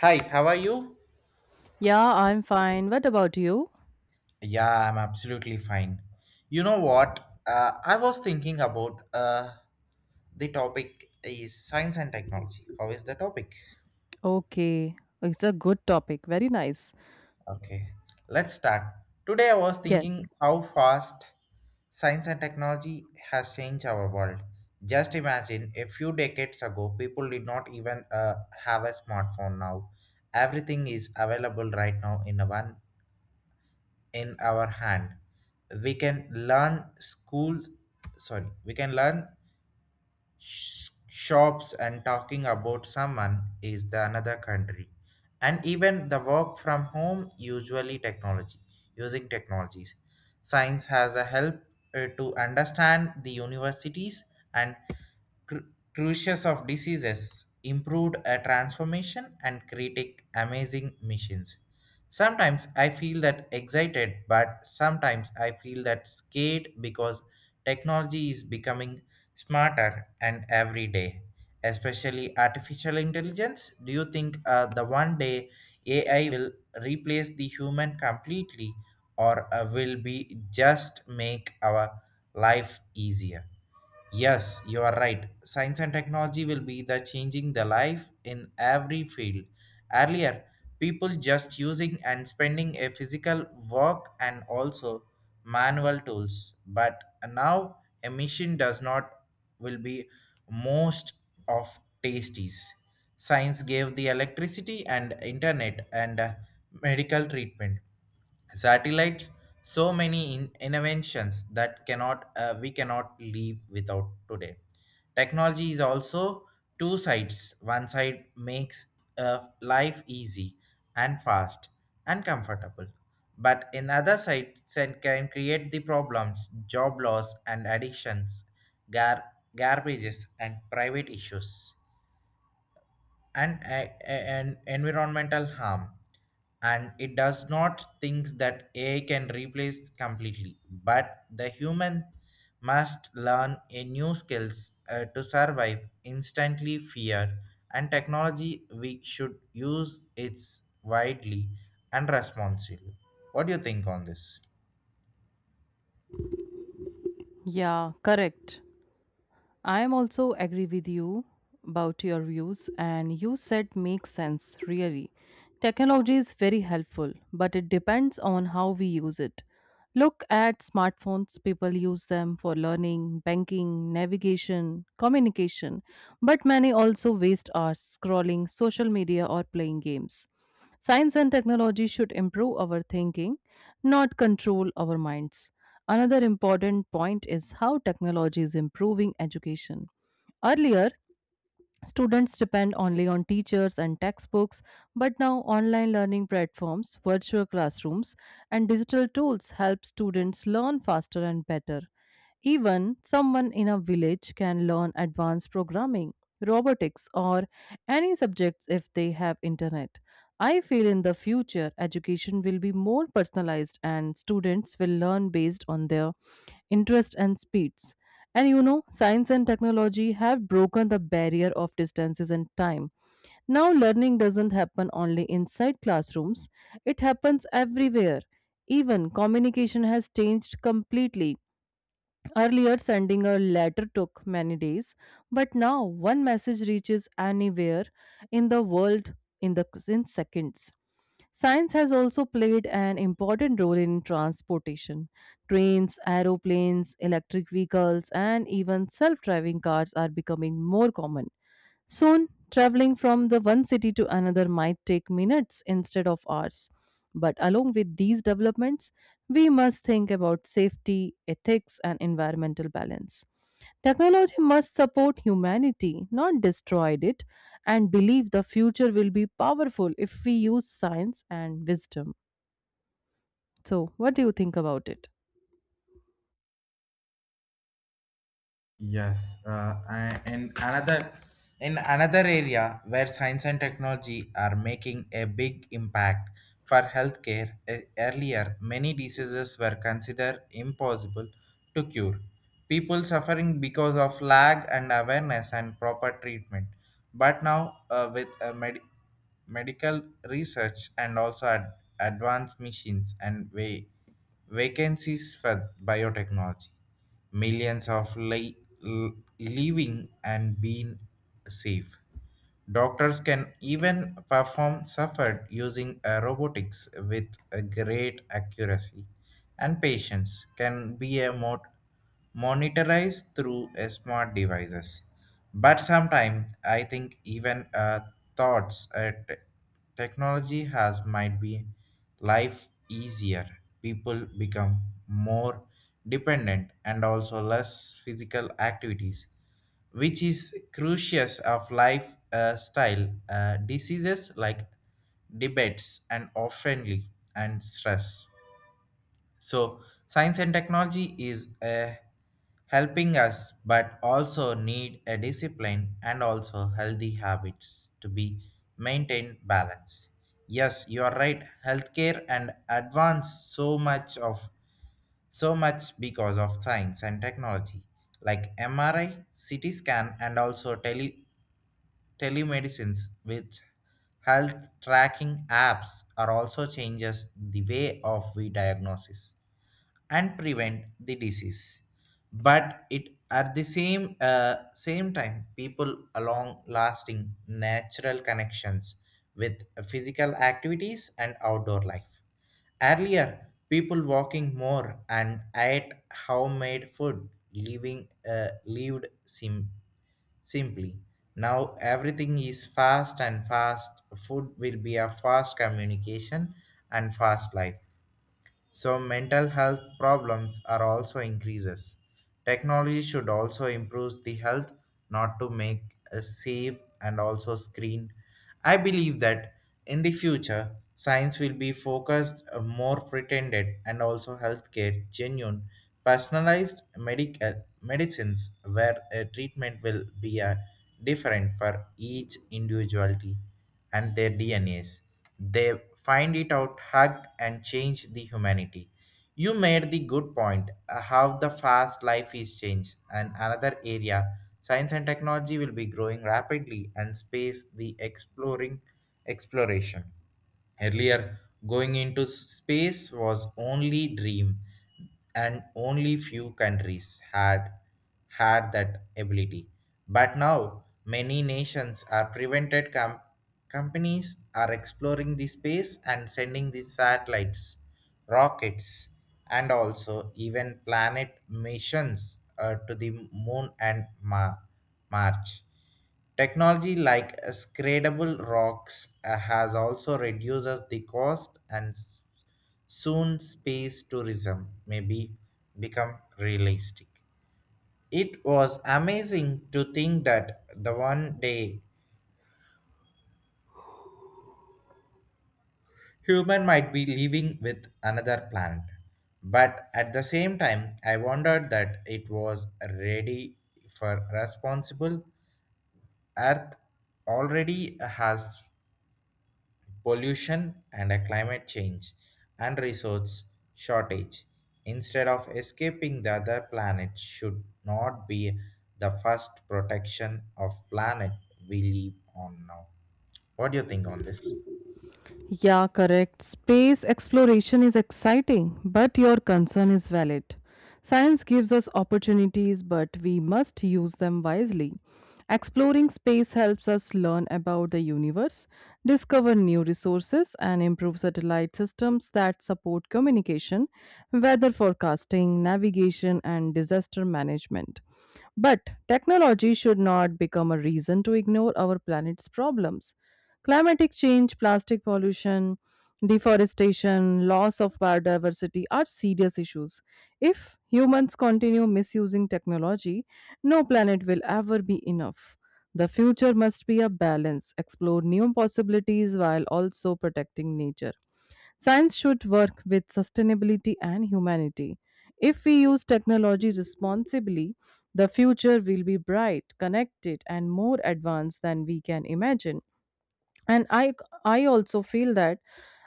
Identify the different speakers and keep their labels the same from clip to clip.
Speaker 1: Hi, how are you?
Speaker 2: Yeah, I'm fine. What about you?
Speaker 1: Yeah, I'm absolutely fine. You know what? I was thinking about the topic is science and technology. How is the topic?
Speaker 2: Okay. It's a good topic. Very nice.
Speaker 1: Okay, let's start. Today I was
Speaker 2: Yes.
Speaker 1: thinking how fast science and technology has changed our world. Just imagine a few decades ago, people did not even have a smartphone now. Everything is available right now in a one in our hand. We can learn school, sorry, we can learn shops and talking about someone is the another country, and even the work from home usually technology using technologies. Science has a help to understand the universities and cru- crucials of diseases improved a transformation and critic amazing machines. Sometimes I feel that excited, but sometimes I feel that scared because technology is becoming smarter and every day, especially artificial intelligence. Do you think the one day AI will replace the human completely, or will be just make our life easier. Yes, you are right. Science and technology will be the changing the life in every field. Earlier, people just using and spending a physical work and also manual tools, but now a machine does not will be most of tasties. Science gave the electricity and internet and medical treatment, satellites, so many inventions that cannot we cannot live without today. Technology is also two sides. One side makes life easy and fast and comfortable, but another side can create the problems, job loss and addictions, gar- garbages and private issues, and environmental harm. And it does not think that AI can replace completely, but the human must learn a new skills to survive instantly fear. And technology we should use its widely and responsibly. What do you think on this?
Speaker 2: Yeah, correct. I am also agree with you about your views and you said makes sense really. Technology is very helpful, but it depends on how we use it. Look at smartphones. People use them for learning, banking, navigation, communication, but many also waste hours scrolling social media or playing games. Science and technology should improve our thinking, not control our minds. Another important point is how technology is improving education. Earlier, students depend only on teachers and textbooks, but now online learning platforms, virtual classrooms, and digital tools help students learn faster and better. Even someone in a village can learn advanced programming, robotics, or any subjects if they have internet. I feel in the future, education will be more personalized and students will learn based on their interest and speeds. And you know, science and technology have broken the barrier of distances and time. Now, learning doesn't happen only inside classrooms, it happens everywhere. Even communication has changed completely. Earlier, sending a letter took many days, but now one message reaches anywhere in the world in seconds. Science has also played an important role in transportation. Trains, aeroplanes, electric vehicles, and even self driving cars are becoming more common. Soon, traveling from the one city to another might take minutes instead of hours. But along with these developments, we must think about safety, ethics, and environmental balance. Technology must support humanity, not destroy it, and believe the future will be powerful if we use science and wisdom. So, what do you think about it?
Speaker 1: Yes, and another in another area where science and technology are making a big impact for healthcare. Earlier, many diseases were considered impossible to cure. People suffering because of lack and awareness and proper treatment. But now, with medical research and also advanced machines and way vacancies for biotechnology, millions of living and being safe. Doctors can even perform suffered using robotics with a great accuracy, and patients can be a monitorized through a smart devices. But sometimes I think even thoughts at technology has might be life easier. People become more dependent and also less physical activities, which is crucius of lifestyle diseases like debates and oftenly and stress. So science and technology is helping us, but also need a discipline and also healthy habits to be maintained balance. Yes, you are right. Healthcare and advance so much of so much because of science and technology like MRI, CT scan, and also telemedicines, which health tracking apps are also changes the way of we diagnosis and prevent the disease. But it at the same time people along lasting natural connections with physical activities and outdoor life. Earlier, people walking more and ate homemade food, living lived simply. Now everything is fast and fast food will be a fast communication and fast life, so mental health problems are also increases. Technology should also improve the health, not to make a save and also screen. I believe that in the future, science will be focused more pretended and also healthcare genuine, personalized medical medicines, where a treatment will be different for each individuality and their DNAs. They find it out, hugged, and change the humanity. You made the good point how the fast life is changed, and another area science and technology will be growing rapidly and space the exploring exploration. Earlier, going into space was only dream, and only few countries had that ability. But now many nations are prevented. Companies are exploring the space and sending the satellites, rockets, and also even planet missions to the moon and March. Technology like scradable rocks has also reduces the cost. And soon space tourism may be become realistic. It was amazing to think that the one day human might be living with another planet. But at the same time, I wondered that it was ready for responsible. Earth already has pollution and a climate change and resource shortage. Instead of escaping the other planet, should not be the first protection of planet we live on now? What do you think on this?
Speaker 2: Yeah, correct. Space exploration is exciting, but your concern is valid. Science gives us opportunities, but we must use them wisely. Exploring space helps us learn about the universe, discover new resources, and improve satellite systems that support communication, weather forecasting, navigation, and disaster management. But technology should not become a reason to ignore our planet's problems. Climatic change, plastic pollution, deforestation, loss of biodiversity are serious issues. If humans continue misusing technology, no planet will ever be enough. The future must be a balance, explore new possibilities while also protecting nature. Science should work with sustainability and humanity. If we use technology responsibly, the future will be bright, connected, and more advanced than we can imagine. And I also feel that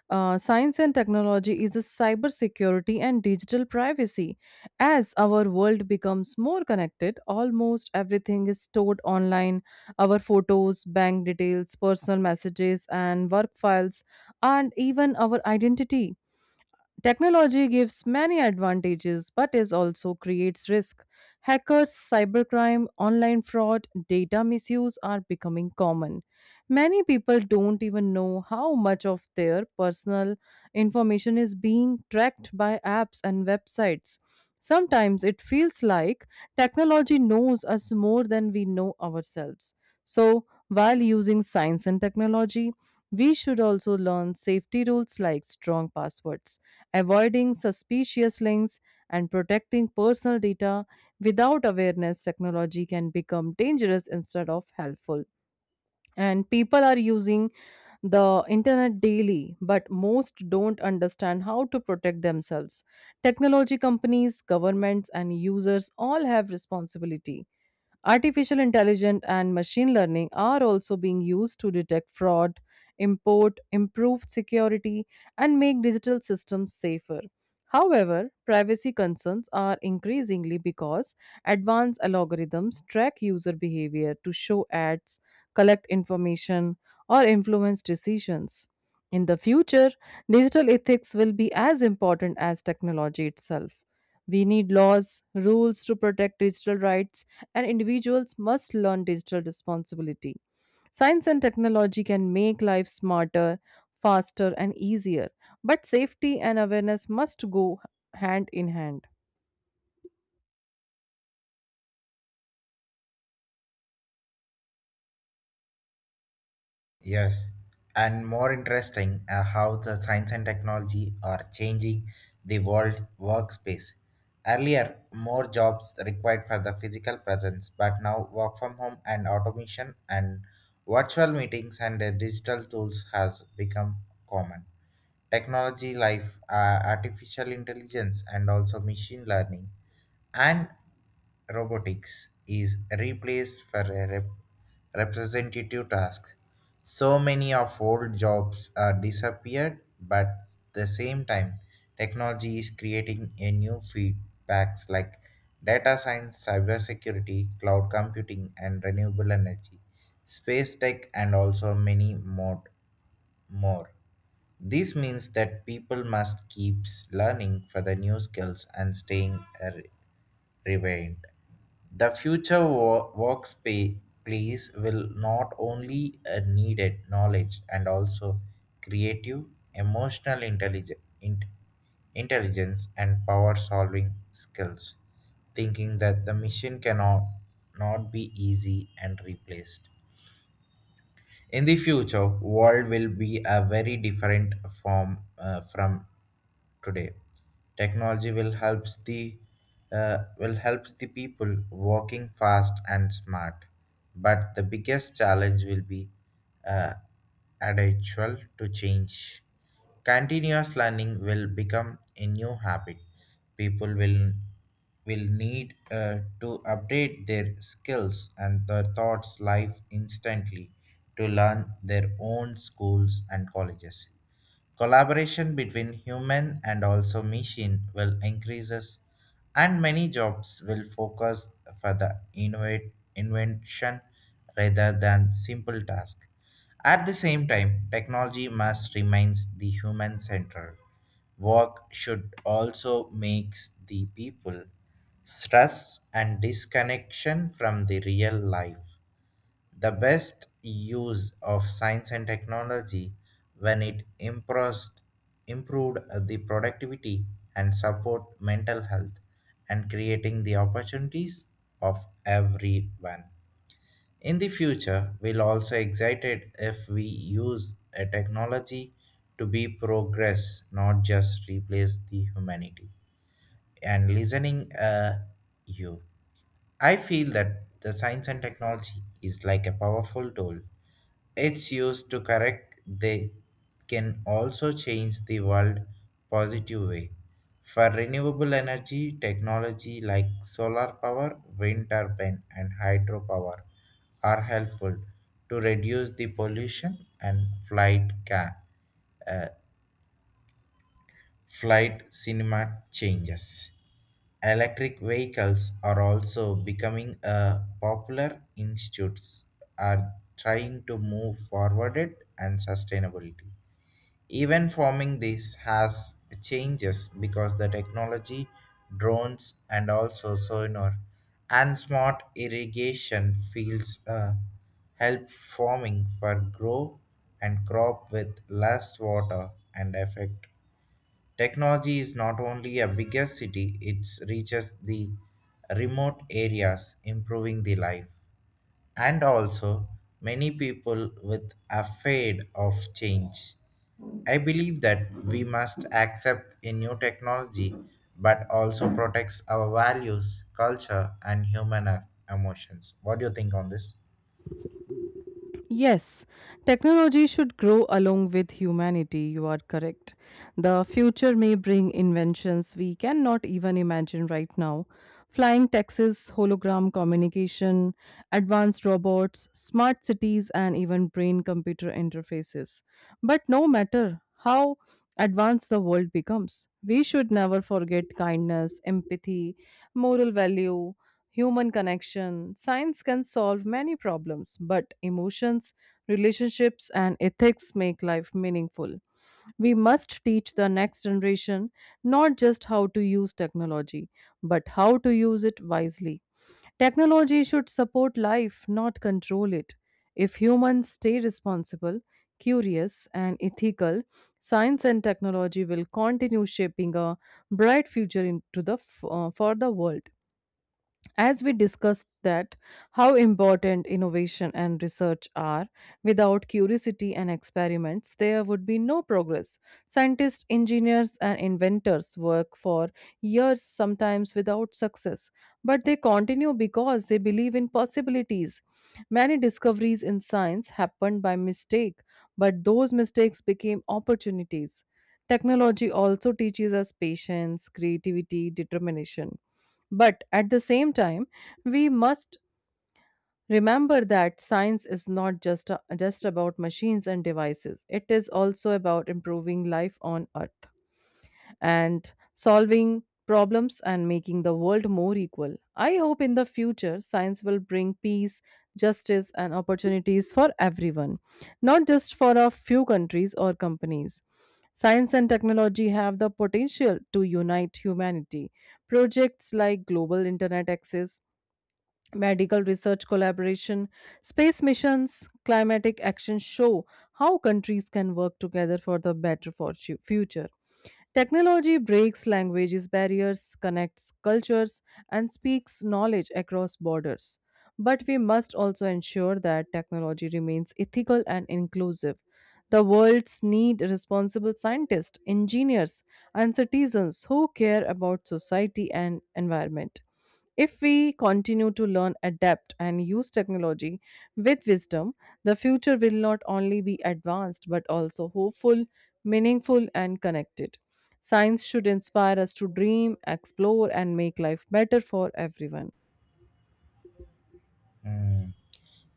Speaker 2: science and technology is a cybersecurity and digital privacy. As our world becomes more connected, almost everything is stored online. Our photos, bank details, personal messages, and work files, and even our identity. Technology gives many advantages but is also creates risk. Hackers, cybercrime, online fraud, data misuse are becoming common. Many people don't even know how much of their personal information is being tracked by apps and websites. Sometimes it feels like technology knows us more than we know ourselves. So, while using science and technology, we should also learn safety rules like strong passwords, avoiding suspicious links, and protecting personal data. Without awareness, technology can become dangerous instead of helpful, and people are using the internet daily but most don't understand how to protect themselves. Technology companies, governments, and users all have responsibility. Artificial intelligence and machine learning are also being used to detect fraud, improve security, and make digital systems safer. However, privacy concerns are increasingly because advanced algorithms track user behavior to show ads, collect information, or influence decisions. In the future, digital ethics will be as important as technology itself. We need laws, rules to protect digital rights, and individuals must learn digital responsibility. Science and technology can make life smarter, faster, and easier, but safety and awareness must go hand in hand.
Speaker 1: Yes, and more interesting how the science and technology are changing the world workspace. Earlier, more jobs required for the physical presence, but now work from home and automation and virtual meetings and digital tools has become common. Technology, life, artificial intelligence, and also machine learning and robotics is replaced for a representative task. So many of old jobs are disappeared, but at the same time, technology is creating a new feedbacks like data science, cybersecurity, cloud computing, and renewable energy, space tech, and also many more. More. This means that people must keep learning for the new skills and staying relevant. The future workspace will not only needed knowledge and also creative, emotional intelligence and power solving skills, thinking that the mission cannot not be easy and replaced. In the future, world will be a very different form from today. Technology will helps the people working fast and smart, but the biggest challenge will be uh, adaptual to change. Continuous learning will become a new habit. People will need to update their skills and their thoughts life instantly to learn their own schools and colleges. Collaboration between human and also machine will increases, and many jobs will focus for the invention rather than simple task. At the same time, technology must remains the human centered. Work should also makes the people stress and disconnection from the real life. The best use of science and technology when it impressed, improved the productivity and support mental health and creating the opportunities of everyone in the future. We'll also excited if we use a technology to be progress, not just replace the humanity and listening you. I feel that the science and technology is like a powerful tool. It's used to correct, they can also change the world positive way. For renewable energy technology like solar power, wind turbine and hydropower are helpful to reduce the pollution and uh, flight cinema changes. Electric vehicles are also becoming a popular institutes are trying to move forward it and sustainability. Even forming this has changes because the technology, drones and also sonar and smart irrigation fields help farming for grow and crop with less water and effect. Technology is not only a bigger city, it reaches the remote areas, improving the life. And also, many people with afraid of change. I believe that we must accept a new technology but also protects our values, culture and human emotions. What do you think on this?
Speaker 2: Yes, technology should grow along with humanity. You are correct. The future may bring inventions we cannot even imagine right now. Flying taxis, hologram communication, advanced robots, smart cities, and even brain computer interfaces. But no matter how advanced the world becomes, we should never forget kindness, empathy, moral value, human connection. Science can solve many problems, but emotions, relationships, and ethics make life meaningful. We must teach the next generation not just how to use technology, but how to use it wisely. Technology should support life, not control it. If humans stay responsible, curious, and ethical, science and technology will continue shaping a bright future into for the world, as we discussed that how important innovation and research are. Without curiosity and experiments there would be no progress. Scientists, engineers, and inventors work for years sometimes without success, but they continue because they believe in possibilities. Many discoveries in science happened by mistake, but those mistakes became opportunities. Technology also teaches us patience, creativity, determination. But at the same time, we must remember that science is not just about machines and devices, it is also about improving life on Earth and solving problems and making the world more equal. I hope in the future, science will bring peace, justice, and opportunities for everyone, not just for a few countries or companies. Science and technology have the potential to unite humanity. Projects like Global Internet Access, medical research collaboration, space missions, climatic action show how countries can work together for the better future. Technology breaks languages barriers, connects cultures, and speaks knowledge across borders. But we must also ensure that technology remains ethical and inclusive. The world's need responsible scientists, engineers, and citizens who care about society and environment. If we continue to learn, adapt, and use technology with wisdom, the future will not only be advanced but also hopeful, meaningful, and connected. Science should inspire us to dream, explore, and make life better for everyone.
Speaker 1: Hmm.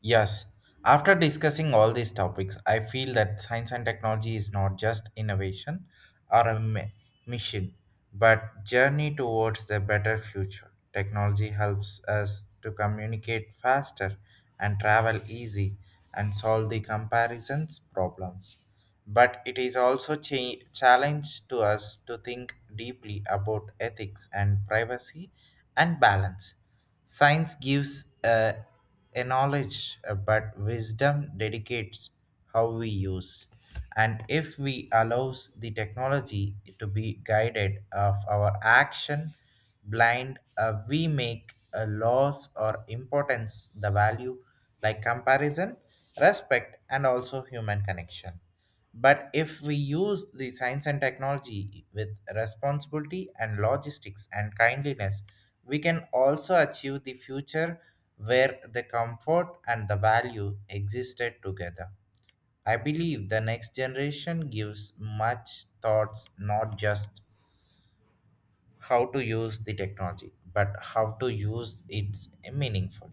Speaker 1: Yes, after discussing all these topics, I feel that science and technology is not just innovation or a mission, but journey towards the better future. Technology helps us to communicate faster and travel easy and solve the comparisons problems. But it is also challenge to us to think deeply about ethics and privacy and balance. Science gives a knowledge, but wisdom dedicates how we use. And if we allows the technology to be guided of our action blind, we make a loss or importance the value like comparison, respect, and also human connection. But if we use the science and technology with responsibility and logistics and kindliness, we can also achieve the future where the comfort and the value existed together. I believe the next generation gives much thoughts, not just how to use the technology, but how to use it meaningful.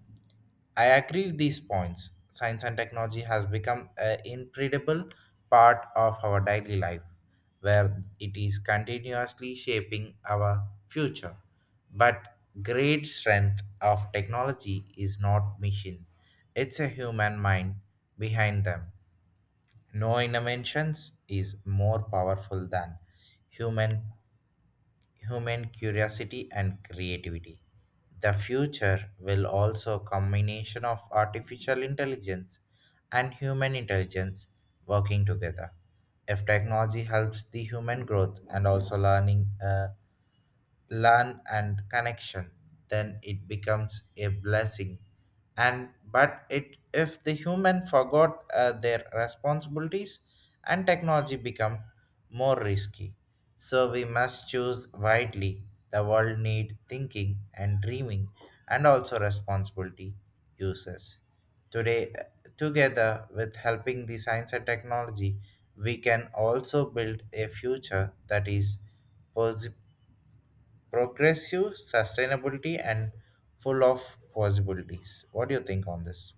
Speaker 1: I agree with these points. Science and technology has become an incredible part of our daily life, where it is continuously shaping our future. But great strength of technology is not machine; it's a human mind behind them. No inventions is more powerful than human human curiosity and creativity. The future will also combination of artificial intelligence and human intelligence working together. If technology helps the human growth and also learn and connection, then it becomes a blessing. And but it if the human forgot their responsibilities and technology become more risky, so we must choose widely. The world need thinking and dreaming and also responsibility users today, together with helping the science and technology, we can also build a future that is posi- progressive, sustainability, and full of possibilities. What do you think on this?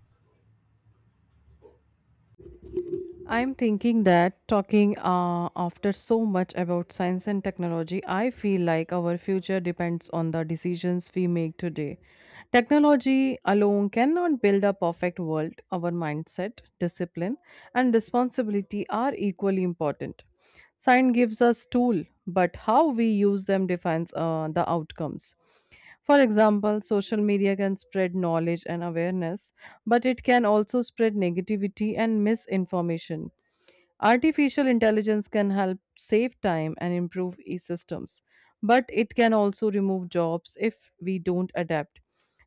Speaker 2: I'm thinking that talking after so much about science and technology, I feel like our future depends on the decisions we make today. Technology alone cannot build a perfect world. Our mindset, discipline, and responsibility are equally important. Science gives us tool, but how we use them defines the outcomes. For example, social media can spread knowledge and awareness, but it can also spread negativity and misinformation. Artificial intelligence can help save time and improve e systems, but it can also remove jobs if we don't adapt.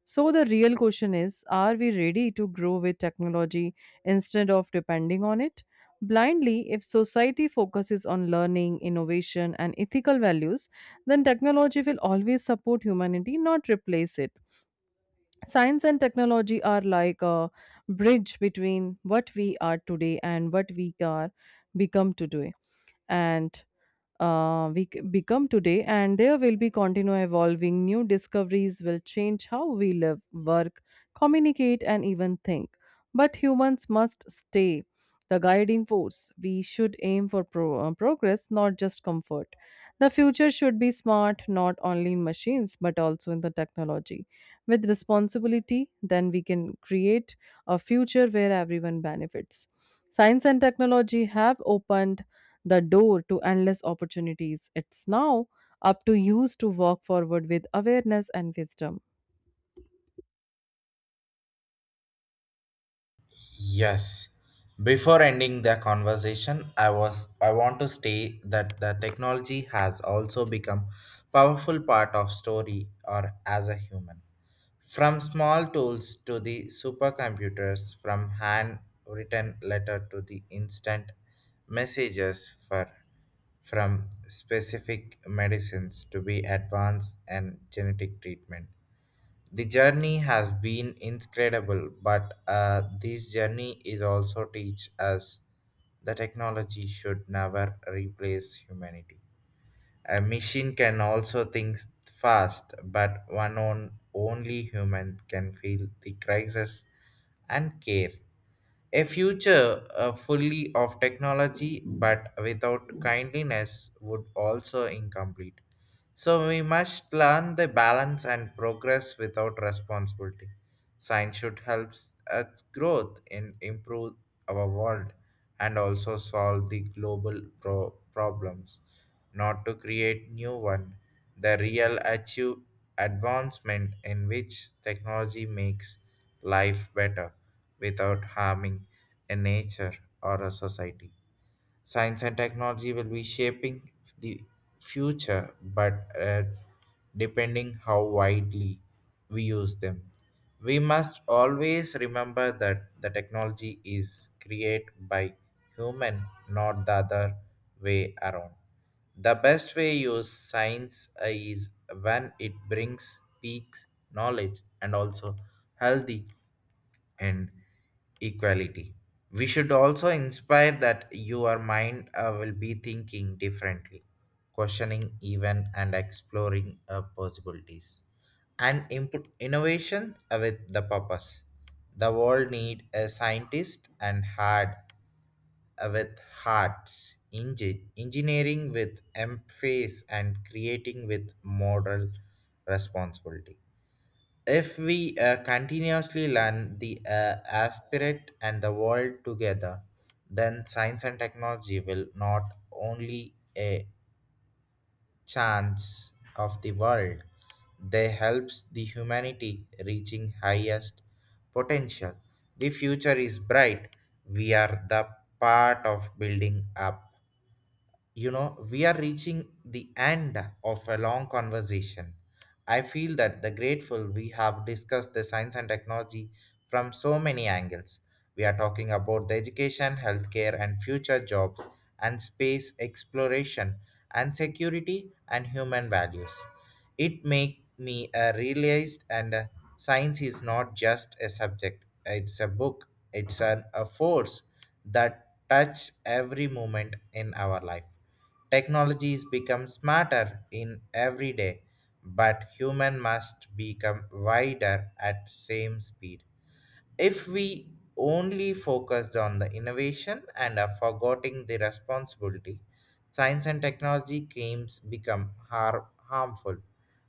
Speaker 2: So, the real question is, are we ready to grow with technology instead of depending on it? Blindly, if society focuses on learning, innovation, and ethical values, then technology will always support humanity, not replace it. Science and technology are like a bridge between what we are today and what we are become today. And become today, and there will be continue evolving. New discoveries will change how we live, work, communicate, and even think. But humans must stay the guiding force. We should aim for progress, not just comfort. The future should be smart, not only in machines, but also in the technology. With responsibility, then we can create a future where everyone benefits. Science and technology have opened the door to endless opportunities. It's now up to you to walk forward with awareness and wisdom.
Speaker 1: Yes. Before ending the conversation, I want to state that the technology has also become powerful part of story or as a human. From small tools to the supercomputers, from handwritten letter to the instant messages for from specific medicines to be advanced and genetic treatment. The journey has been incredible, but this journey is also teach us that technology should never replace humanity. A machine can also think fast, but one on only human can feel the crisis and care. A future fully of technology but without kindliness would also incomplete. So we must learn the balance and progress without responsibility. Science should help us growth and improve our world and also solve the global problems, not to create new one. The real achieve advancement in which technology makes life better without harming a nature or a society. Science and technology will be shaping the future, but uh, depending how widely we use them. We must always remember that the technology is created by human, not the other way around. The best way use science is when it brings peak knowledge and also healthy and equality. We should also inspire that your mind will be thinking differently, questioning even and exploring possibilities. And input innovation with the purpose. The world need a scientist and hard with hearts, engineering with emphasis and creating with moral responsibility if we continuously learn the aspirate and the world together, then science and technology will not only a chance of the world, they helps the humanity reaching highest potential. The future is bright. We are the part of building up. We are reaching the end of a long conversation. I feel that the grateful we have discussed the science and technology from so many angles. We are talking about the education, healthcare and future jobs and space exploration and security and human values. It make me realized and science is not just a subject, it's a book, it's an, a force that touch every moment in our life. Technologies become smarter in every day, but human must become wider at same speed. If we only focused on the innovation and are forgetting the responsibility, science and technology games become harmful.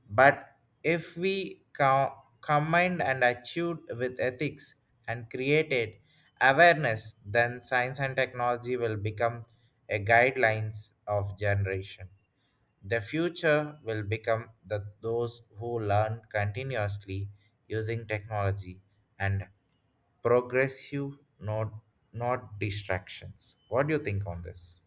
Speaker 1: But if we combined and achieved with ethics and created awareness, then science and technology will become a guidelines of generation. The future will become the those who learn continuously using technology and progressive not not distractions. What do you think on this?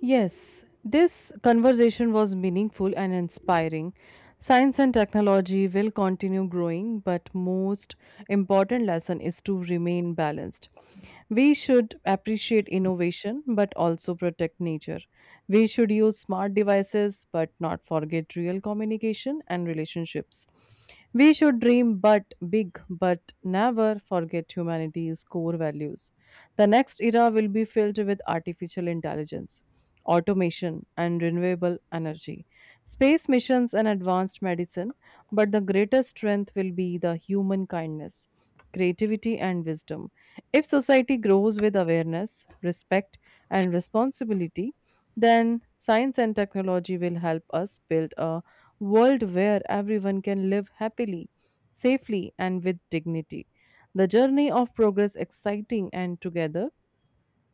Speaker 2: Yes, this conversation was meaningful and inspiring. Science and technology will continue growing, but most important lesson is to remain balanced. We should appreciate innovation but also protect nature. We should use smart devices but not forget real communication and relationships. We should dream but big but never forget humanity's core values. The next era will be filled with artificial intelligence, automation, and renewable energy, space missions, and advanced medicine. But the greatest strength will be the human kindness, creativity, and wisdom. If society grows with awareness, respect, and responsibility, then science and technology will help us build a world where everyone can live happily, safely, and with dignity. The journey of progress exciting, and together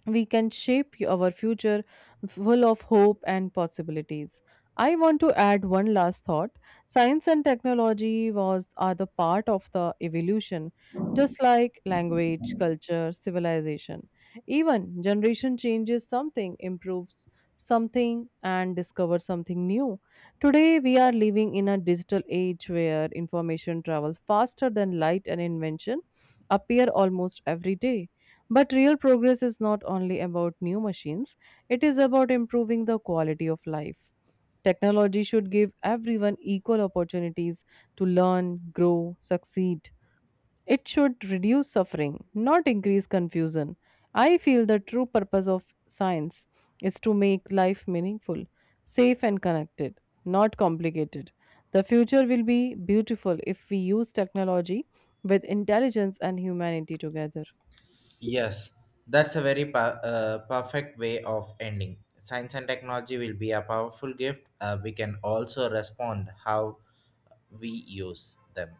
Speaker 2: we can shape our future full of hope and possibilities. I want to add one last thought. Science and technology was are the part of the evolution, just like language, culture, civilization. Even generation changes something, improves something, and discovers something new. Today we are living in a digital age where information travels faster than light and invention appear almost every day. But real progress is not only about new machines, it is about improving the quality of life. Technology should give everyone equal opportunities to learn, grow, succeed. It should reduce suffering, not increase confusion. I feel the true purpose of science is to make life meaningful, safe, and connected, not complicated. The future will be beautiful if we use technology with intelligence and humanity together.
Speaker 1: Yes, that's a very perfect way of ending. Science and technology will be a powerful gift. We can also respond how we use them.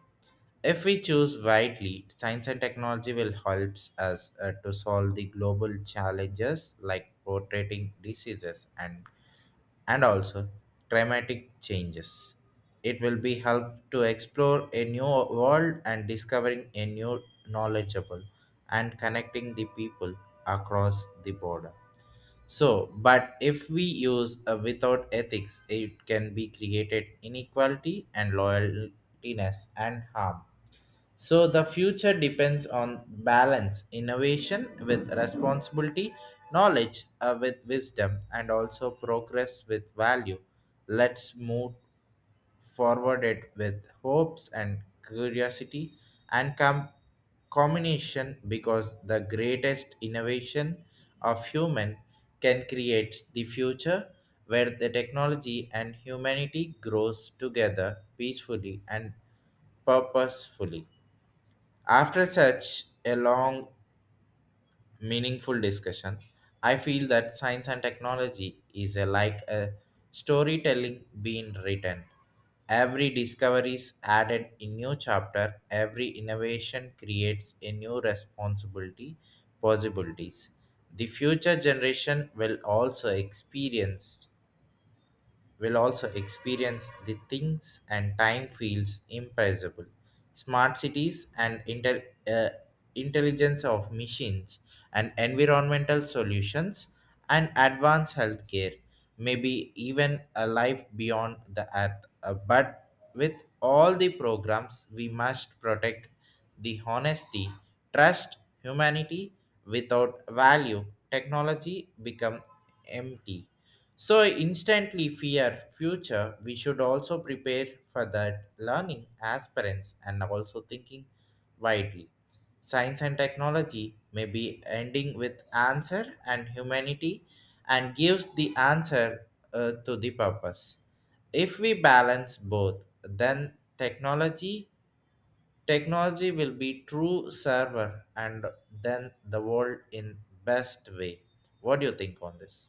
Speaker 1: If we choose wisely, science and technology will help us to solve the global challenges like rotating diseases and also dramatic changes. It will be help to explore a new world and discovering a new knowledgeable and connecting the people across the border. So, but if we use without ethics, it can be created inequality and loyaltiness and harm. So the future depends on balance, innovation with responsibility, knowledge with wisdom, and also progress with value. Let's move forward it with hopes and curiosity and combination because the greatest innovation of human can create the future where the technology and humanity grows together peacefully and purposefully. After such a long, meaningful discussion, I feel that science and technology like a storytelling being written. Every discovery is added a new chapter, every innovation creates a new responsibility, possibilities. The future generation will also experience the things and time feels impressible. Smart cities and intelligence of machines and environmental solutions and advanced healthcare, maybe even a life beyond the earth. But with all the programs, we must protect the honesty, trust, humanity. Without value, technology become empty so instantly fear future, we should also prepare for that learning as parents and also thinking widely. Science and technology may be ending with answer and humanity and gives the answer to the purpose. If we balance both, then technology will be true server and then the world in best way. What do you think on this?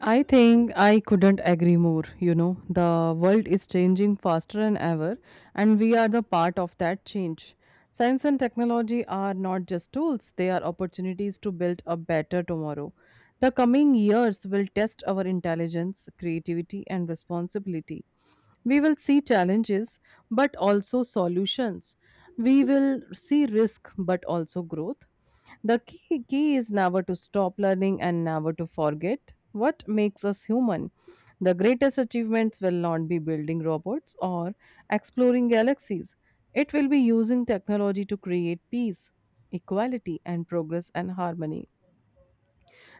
Speaker 2: I think I couldn't agree more. You know, the world is changing faster than ever, and we are the part of that change. Science and technology are not just tools, they are opportunities to build a better tomorrow. The coming years will test our intelligence, creativity, and responsibility. We will see challenges, but also solutions. We will see risk, but also growth. The key is never to stop learning and never to forget what makes us human. The greatest achievements will not be building robots or exploring galaxies. It will be using technology to create peace, equality, and progress and harmony.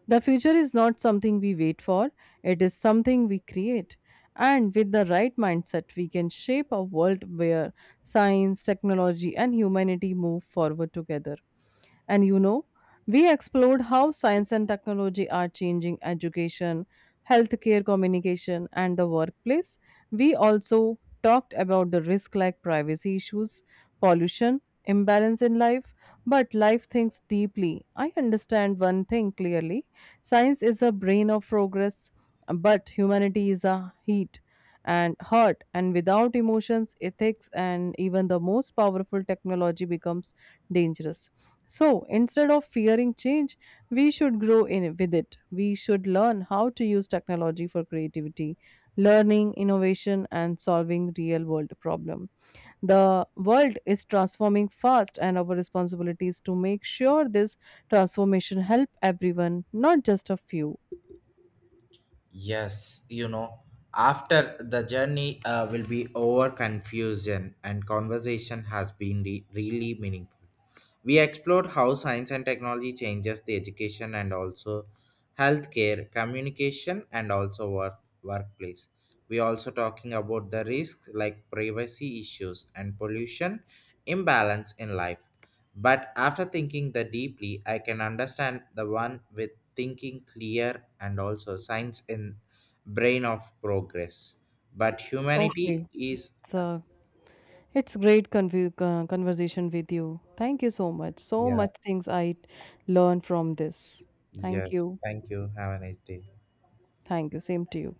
Speaker 2: The future is not something we wait for, it is something we create. And with the right mindset, we can shape a world where science, technology, and humanity move forward together. And you know, we explored how science and technology are changing education, healthcare communication, and the workplace. We also talked about the risk like privacy issues, pollution, imbalance in life, but life thinks deeply. I understand one thing clearly, science is a brain of progress, but humanity is a heat and hurt, and without emotions, ethics, and even the most powerful technology becomes dangerous. So instead of fearing change, we should grow in with it. We should learn how to use technology for creativity, learning, innovation, and solving real world problem. The world is transforming fast, and our responsibility is to make sure this transformation help everyone, not just a few.
Speaker 1: Yes, you know, after the journey will be over confusion and conversation has been really meaningful. We explored how science and technology changes the education and also healthcare, communication, and also work, workplace. We also talking about the risks like privacy issues and pollution imbalance in life. But after thinking the deeply, I can understand the one with thinking clear and also science in brain of progress. But humanity
Speaker 2: Okay,
Speaker 1: is
Speaker 2: so it's great conv- conversation with you. Thank you so much. So
Speaker 1: yeah
Speaker 2: much things I learned from this. Thank
Speaker 1: yes.
Speaker 2: you.
Speaker 1: Thank you. Have a nice day.
Speaker 2: Thank you. Same to you.